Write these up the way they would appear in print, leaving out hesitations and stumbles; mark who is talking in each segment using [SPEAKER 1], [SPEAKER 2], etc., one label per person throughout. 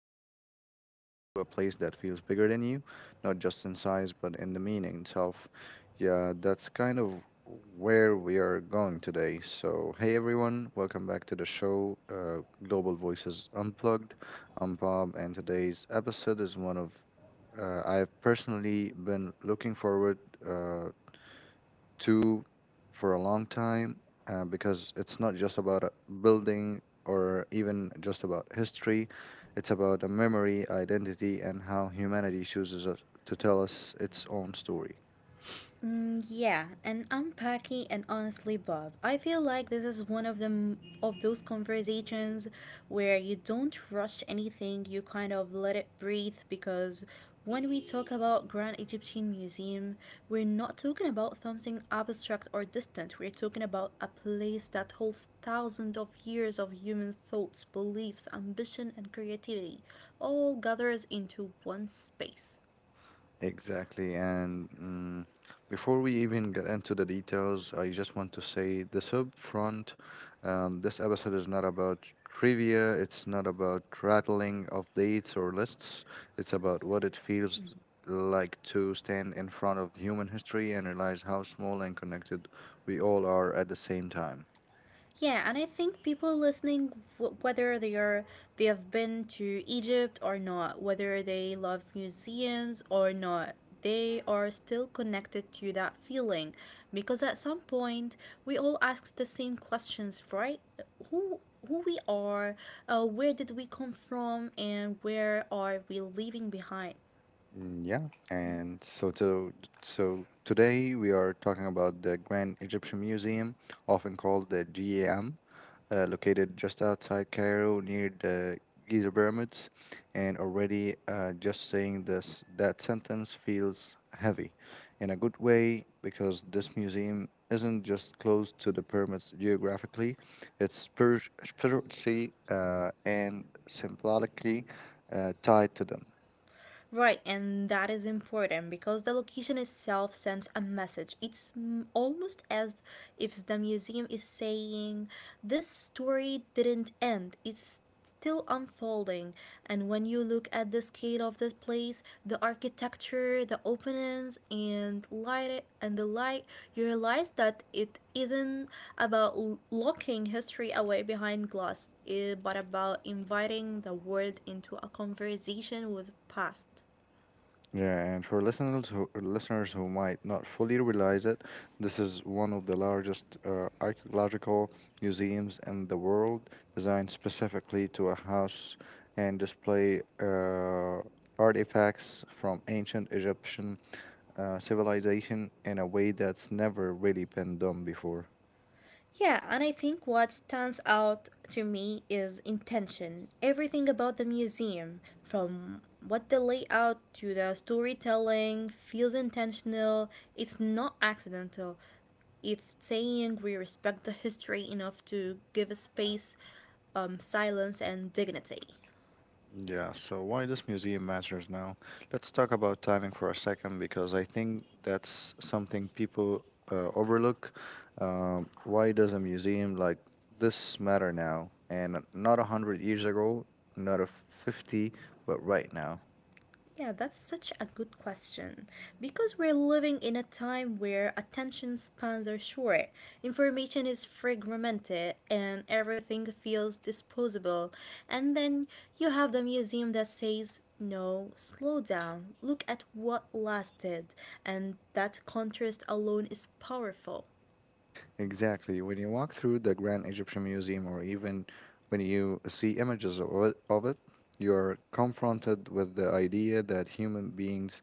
[SPEAKER 1] about to step into a place that feels bigger than you, not just in size, but in the meaning itself. Yeah, that's kind of where we are going today. So, hey everyone, welcome back to the show, Global Voices Unplugged. I'm Bob, and today's episode is one of I've personally been looking forward uh, to for a long time because it's not just about a building or even just about history. It's about a memory, identity, and how humanity to tell us its own story.
[SPEAKER 2] Mm, yeah, and honestly, Bob, I feel like this is one of them of those conversations where you don't rush anything. You kind of let it breathe because when we talk about Grand Egyptian Museum, we're not talking about something abstract or distant. We're talking about a place that holds thousands of years of human thoughts, beliefs, ambition, and creativity, all gathers into one space.
[SPEAKER 1] Exactly. And before we even get into the details, I just want to say this up front. This episode is not about trivia, it's not about rattling of dates or lists. It's about what it feels like to stand in front of human history and realize how small and connected we all are at the same time.
[SPEAKER 2] Yeah, and I think people listening, whether they have been to Egypt or not, whether they love museums or not, they are still connected to that feeling, because at some point we all ask the same questions, right? Who who we are, where did we come from, and where are we leaving behind?
[SPEAKER 1] Mm, yeah, so today we are talking about the Grand Egyptian Museum, often called the GAM. Located just outside Cairo near the Giza pyramids, and already just saying this that sentence feels heavy, in a good way, because this museum isn't just close to the pyramids geographically, it's spiritually and symbolically tied to them.
[SPEAKER 2] Right, and that is important because the location itself sends a message. It's almost as if the museum is saying, this story didn't end, it's still unfolding. And when you look at the scale of this place, the architecture, the openings, and the light, you realize that it isn't about locking history away behind glass, but about inviting the world into a conversation with past.
[SPEAKER 1] Yeah, and for listeners who might not fully realize it, this is one of the largest archaeological museums in the world, designed specifically to a house and display artifacts from ancient Egyptian civilization in a way that's never really been done before.
[SPEAKER 2] Yeah, and I think what stands out to me is intention. Everything about the museum, from what the layout to the storytelling, feels intentional. It's not accidental. It's saying we respect the history enough to give a space, silence, and dignity.
[SPEAKER 1] Yeah, so why this museum matters now? Let's talk about timing for a second because I think that's something people overlook. Why does a museum like this matter now and not a hundred years ago, not a 50, but right now?
[SPEAKER 2] Yeah, that's such a good question. Because we're living in a time where attention spans are short, information is fragmented, and everything feels disposable. And then you have the museum that says, no, slow down, look at what lasted. And that contrast alone is powerful.
[SPEAKER 1] Exactly. When you walk through the Grand Egyptian Museum or even when you see images of it, you are confronted with the idea that human beings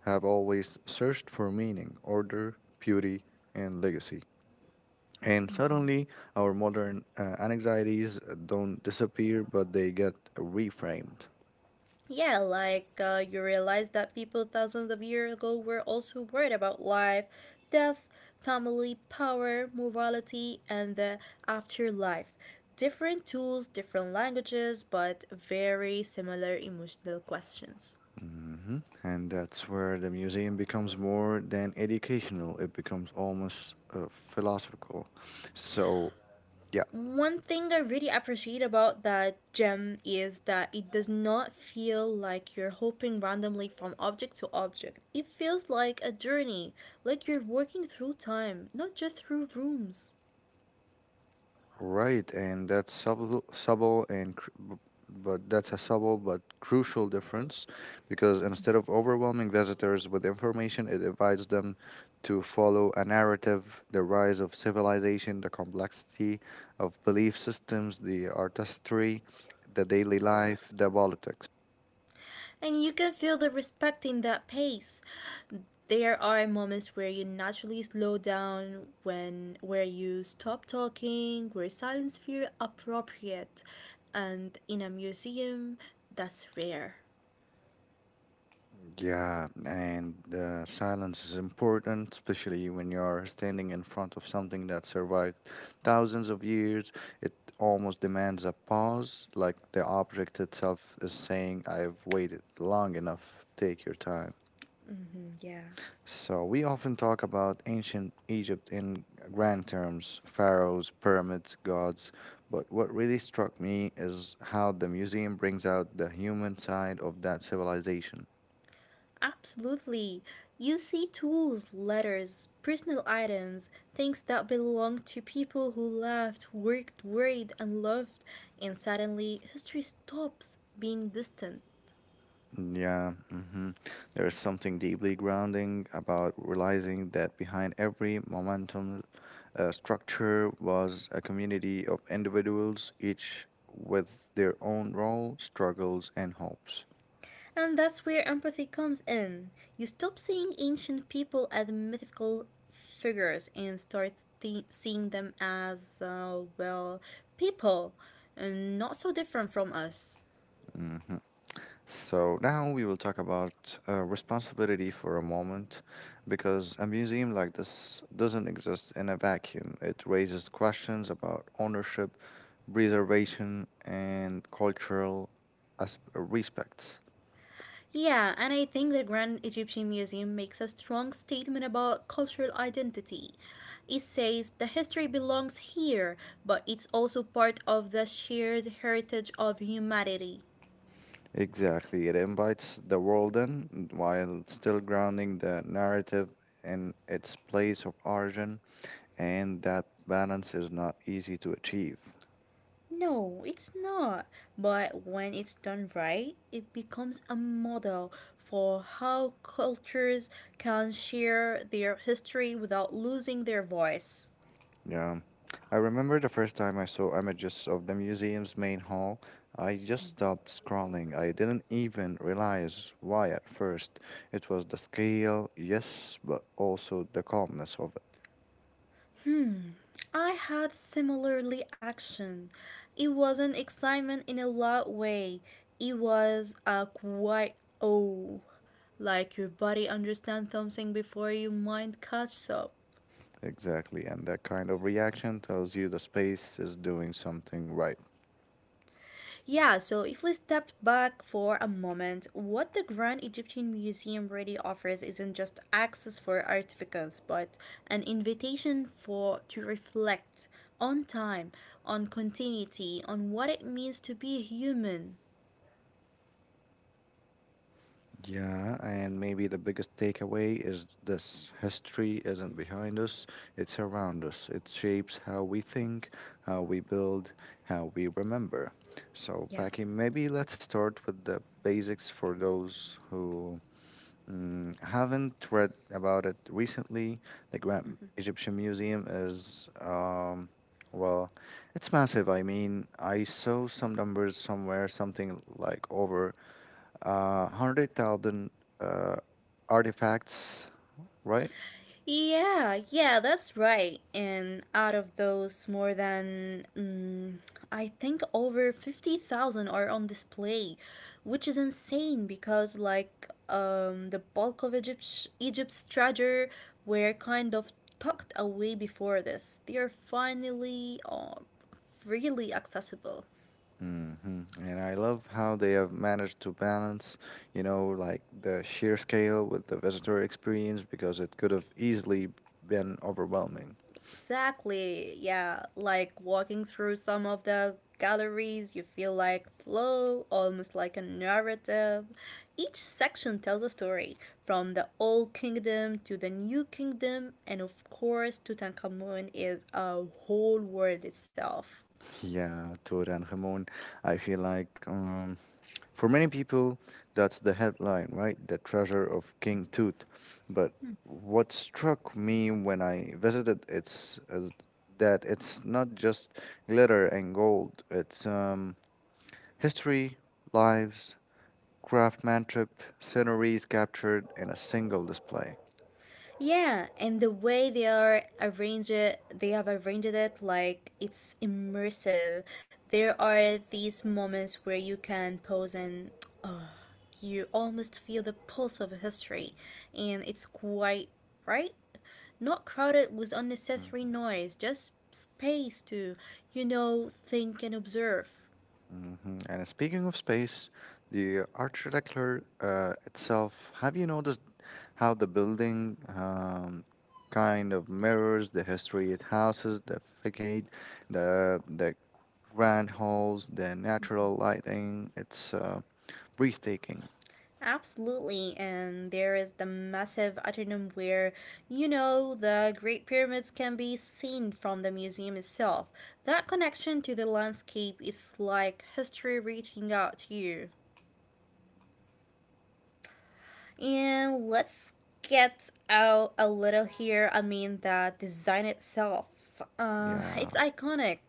[SPEAKER 1] have always searched for meaning, order, beauty, and legacy. And suddenly, our modern anxieties don't disappear, but they get reframed.
[SPEAKER 2] Yeah, like you realize that people thousands of years ago were also worried about life, death, family, power, morality, and the afterlife. Different tools, different languages, but very similar emotional questions.
[SPEAKER 1] Hmm. And that's where the museum becomes more than educational, it becomes almost philosophical. So, yeah.
[SPEAKER 2] One thing I really appreciate about that gem is that it does not feel like you're hopping randomly from object to object. It feels like a journey, like you're walking through time, not just through rooms.
[SPEAKER 1] Right, and that's subtle, subtle and cr- b- but that's a subtle but crucial difference because instead of overwhelming visitors with information, it invites them to follow a narrative, the rise of civilization, the complexity of belief systems, the artistry, the daily life, the politics.
[SPEAKER 2] And you can feel the respect in that pace. There are moments where you naturally slow down, when where you stop talking, where silence feels appropriate, and in a museum, that's rare.
[SPEAKER 1] Yeah, and silence is important, especially when you're standing in front of something that survived thousands of years. It almost demands a pause, like the object itself is saying, I've waited long enough, take your time.
[SPEAKER 2] Hmm, yeah,
[SPEAKER 1] So, we often talk about ancient Egypt in grand terms, pharaohs, pyramids, gods, but what really struck me is how the museum brings out the human side of that civilization.
[SPEAKER 2] absolutely. You see tools, letters, personal items, things that belong to people who loved, worked, worried, and loved, and suddenly history stops being distant.
[SPEAKER 1] Yeah. Hmm. There's something deeply grounding about realizing that behind every momentum structure was a community of individuals, each with their own role, struggles, and hopes.
[SPEAKER 2] And that's where empathy comes in. You stop seeing ancient people as mythical figures and start seeing them as, well, people, and not so different from us.
[SPEAKER 1] Mm-hmm. So now we will talk about responsibility for a moment because a museum like this doesn't exist in a vacuum. It raises questions about ownership, preservation, and cultural respects.
[SPEAKER 2] Yeah, and I think the Grand Egyptian Museum makes a strong statement about cultural identity. It says the history belongs here, but it's also part of the shared heritage of humanity.
[SPEAKER 1] Exactly. It invites the world in while still grounding the narrative in its place of origin, and that balance is not easy to achieve.
[SPEAKER 2] No, it's not. But when it's done right, it becomes a model for how cultures can share their history without losing their voice.
[SPEAKER 1] Yeah. I remember the first time I saw images of the museum's main hall. I just stopped scrolling. I didn't even realize why at first. It was the scale, yes, but also the calmness of
[SPEAKER 2] I had similarly action. It wasn't excitement in a loud way. It was a quiet oh, like your body understands something before your mind catches up.
[SPEAKER 1] it. Exactly. And that kind of reaction tells you the space is doing something right.
[SPEAKER 2] Yeah, so if we step back for a moment, what the Grand Egyptian Museum really offers isn't just access for artifacts, but an invitation for to reflect on time, on continuity, on what it means to be human.
[SPEAKER 1] Yeah, and maybe the biggest takeaway is this: history isn't behind us, it's around us. It shapes how we think, how we build, how we remember. So,
[SPEAKER 2] Yeah.
[SPEAKER 1] Paki, maybe let's start with the basics for those who haven't read about it recently. The Grand Egyptian Museum is, well, it's massive. I mean, I saw some numbers somewhere, something like over 100,000 uh, artifacts, right?
[SPEAKER 2] Yeah, yeah, that's right. And out of those, more than I think over 50,000 are on display, which is insane because, like, the bulk of Egypt's treasure were kind of tucked away before this. They are finally freely accessible.
[SPEAKER 1] Hmm. And I love how they have managed to balance, you know, like the sheer scale with the visitor experience because it could have easily been overwhelming.
[SPEAKER 2] Exactly. Yeah, like walking through some of the galleries, you feel like flow, almost like a narrative. Each section tells a story, from the old kingdom to the new kingdom, and of course, Tutankhamun is a whole world itself.
[SPEAKER 1] Yeah, Tura and Ramon, I feel like. For many people, that's the headline, right? The treasure of King Tut. But what struck me when I visited it's is that it's not just glitter and gold. It's history, lives, craftsmanship, sceneries captured in a single display.
[SPEAKER 2] Yeah, and the way they have arranged it like it's immersive. There are these moments where you can pause and oh, you almost feel the pulse of history, and it's quite right. Not crowded with unnecessary noise, just space to think and observe.
[SPEAKER 1] Hmm. And speaking of space, the architecture itself, have you noticed how the building kind of mirrors the history it houses, the facade, the grand halls, the natural lighting? It's breathtaking.
[SPEAKER 2] Absolutely, and there is the massive atrium where, the Great Pyramids can be seen from the museum itself. That connection to the landscape is like history reaching out to you. And let's get out a little here. I mean, the design itself,
[SPEAKER 1] Yeah.
[SPEAKER 2] it's iconic.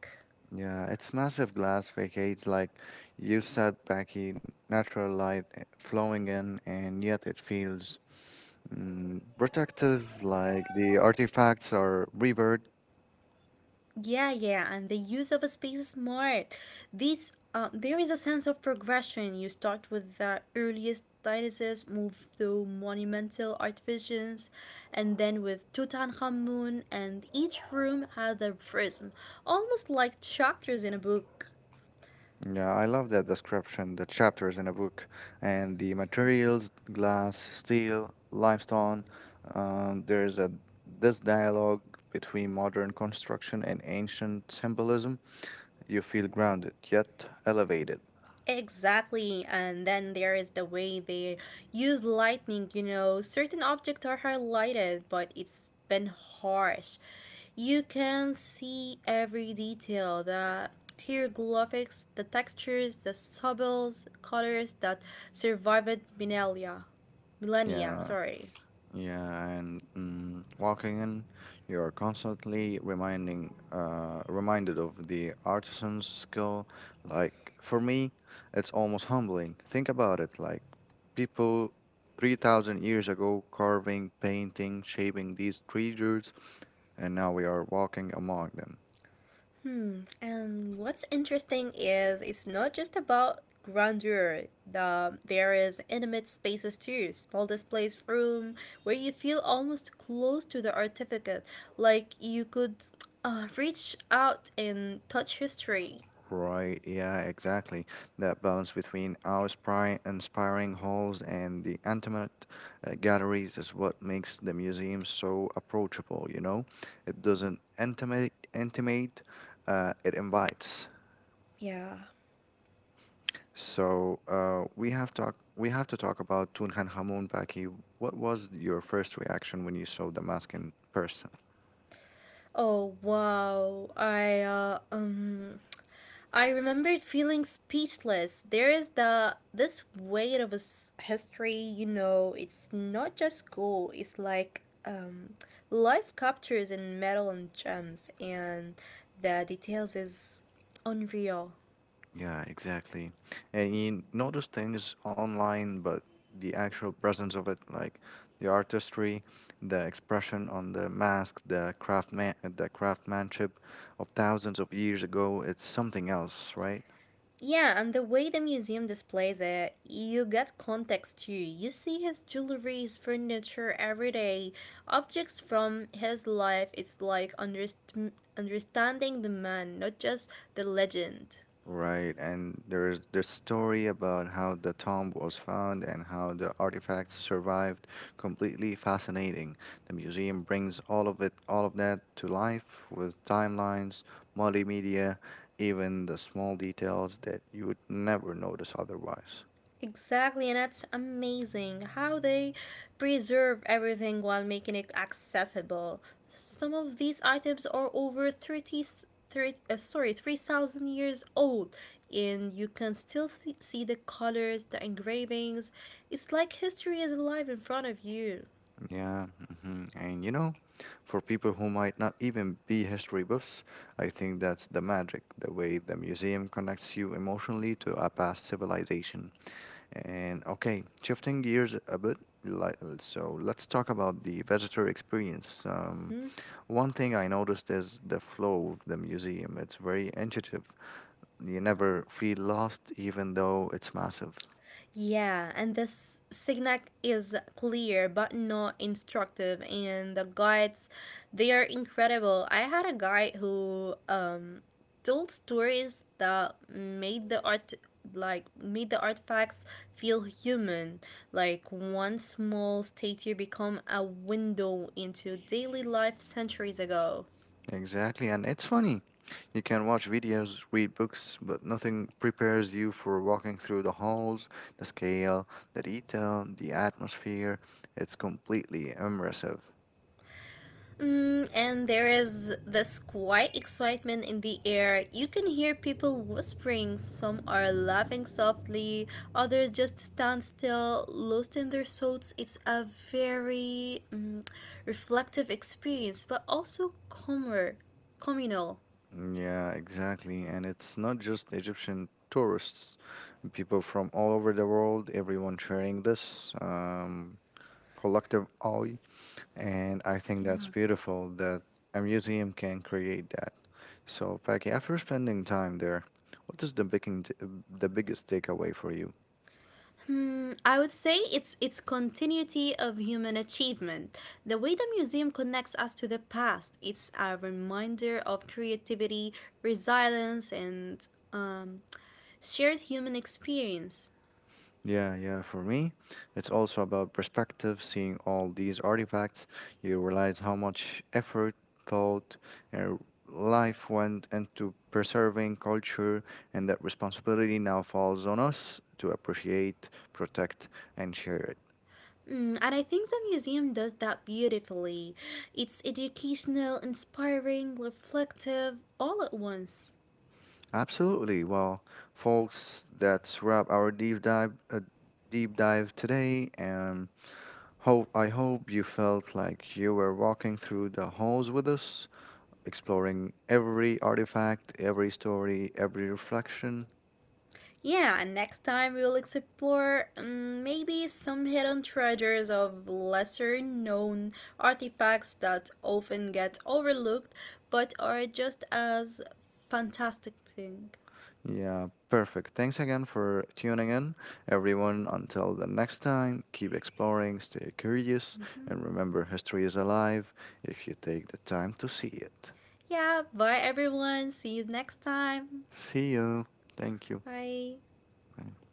[SPEAKER 1] Yeah, its massive glass facades, like you said, Becky, natural light flowing in, and yet it feels protective, like the artifacts are revered.
[SPEAKER 2] Yeah, yeah, and the use of space is smart. There is a sense of progression. You start with the earliest dinosaurs, move to monumental artifices, and then with Tutankhamun, and each room has a prism, almost like chapters in a book.
[SPEAKER 1] Yeah, I love that description, the chapters in a book, and the materials, glass, steel, limestone. There's a this dialogue between modern construction and ancient symbolism. You feel grounded, yet elevated.
[SPEAKER 2] Exactly, and then there is the way they use lightning. You know, certain objects are highlighted, but it's been harsh. You can see every detail the hieroglyphics, the textures, the subtle colors that survived millennia. Millennia,
[SPEAKER 1] Yeah.
[SPEAKER 2] sorry.
[SPEAKER 1] Yeah, and walking in, you are constantly reminded of the artisan's skill. Like for me, it's almost humbling. Think about it. Like people 3,000 years ago carving, painting, shaping these creatures, and now we are walking among them.
[SPEAKER 2] And what's interesting is it's not just about grandeur. There is intimate spaces too, small displays room where you feel almost close to the artifact, like you could reach out and touch history.
[SPEAKER 1] Right, yeah, exactly. That balance between our inspiring halls and the intimate galleries is what makes the museum so approachable, you know? It doesn't intimate, intimate it invites.
[SPEAKER 2] Yeah.
[SPEAKER 1] So we have talk we have to talk about Tutankhamun, Baki. What was your first reaction when you saw the mask in person?
[SPEAKER 2] Oh wow! I remembered feeling speechless. There is the this weight of his history, it's not just school, it's like life captures in metal and gems and the details is unreal.
[SPEAKER 1] Yeah, exactly. And you notice things online, but the actual presence of it, like the artistry, the expression on the mask, the craftsmanship of thousands of years ago, it's something else, right?
[SPEAKER 2] Yeah, and the way the museum displays it, you get context too. You see his jewelry, his furniture, everyday objects from his life. It's like understanding the man, not just the legend.
[SPEAKER 1] Right, and there's the story about how the tomb was found and how the artifacts survived. Completely fascinating. The museum brings all of that to life with timelines, multimedia, even the small details that you would never notice otherwise.
[SPEAKER 2] Exactly, and that's amazing how they preserve everything while making it accessible. Some of these items are over thirty, thirty. 30, sorry, 3,000 years old, and you can still see the colors, the engravings. It's like history is alive in front of you.
[SPEAKER 1] Yeah. Hmm. And you know, for people who might not even be history buffs, I think that's the magic, the way the museum connects you emotionally to a past civilization. And okay, shifting gears a bit, like, so let's talk about the visitor experience.
[SPEAKER 2] Mhm.
[SPEAKER 1] One thing I noticed is the flow of the museum. It's very intuitive. You never feel lost, even though it's massive.
[SPEAKER 2] Yeah, and this signac is clear but not instructive, and the guides, they are incredible. I had a guide who told stories that made the artifacts feel human, like one small statue become a window into daily life centuries ago.
[SPEAKER 1] Exactly, and it's funny. You can watch videos, read books, but nothing prepares you for walking through the halls, the scale, the detail, the atmosphere. It's completely immersive.
[SPEAKER 2] And there is this quiet excitement in the air. You can hear people whispering. Some are laughing softly, others just stand still, lost in their thoughts. It's a very reflective experience, but also calmer, communal.
[SPEAKER 1] Yeah, exactly. And it's not just Egyptian tourists, people from all over the world, everyone sharing this collective eye. And I think that's
[SPEAKER 2] Yeah.
[SPEAKER 1] beautiful that a museum can create that. So, Paki, after spending time there, what is the biggest takeaway for you?
[SPEAKER 2] I would say it's its continuity of human achievement. The way the museum connects us to the past, it's a reminder of creativity, resilience, and shared human experience.
[SPEAKER 1] Yeah, yeah, for me, it's also about perspective, seeing all these artifacts, you realize how much effort, thought, and life went into preserving culture, and that responsibility now falls on us to appreciate, protect, and share it.
[SPEAKER 2] And I think the museum does that beautifully. It's educational, inspiring, reflective, all at once.
[SPEAKER 1] Absolutely. Well, folks, that's wrap our deep dive today, and hope I hope you felt like you were walking through the halls with us exploring every artifact, every story, every reflection.
[SPEAKER 2] Yeah, and next time we'll explore maybe some hidden treasures of lesser known artifacts that often get overlooked but are just as fantastic thing.
[SPEAKER 1] Yeah, perfect. Thanks again for tuning in, everyone. Until the next time, keep exploring, stay curious, and remember history is alive if you take the time to see it.
[SPEAKER 2] Yeah, bye everyone. See you next time.
[SPEAKER 1] See you. Thank you.
[SPEAKER 2] Bye.
[SPEAKER 1] Bye.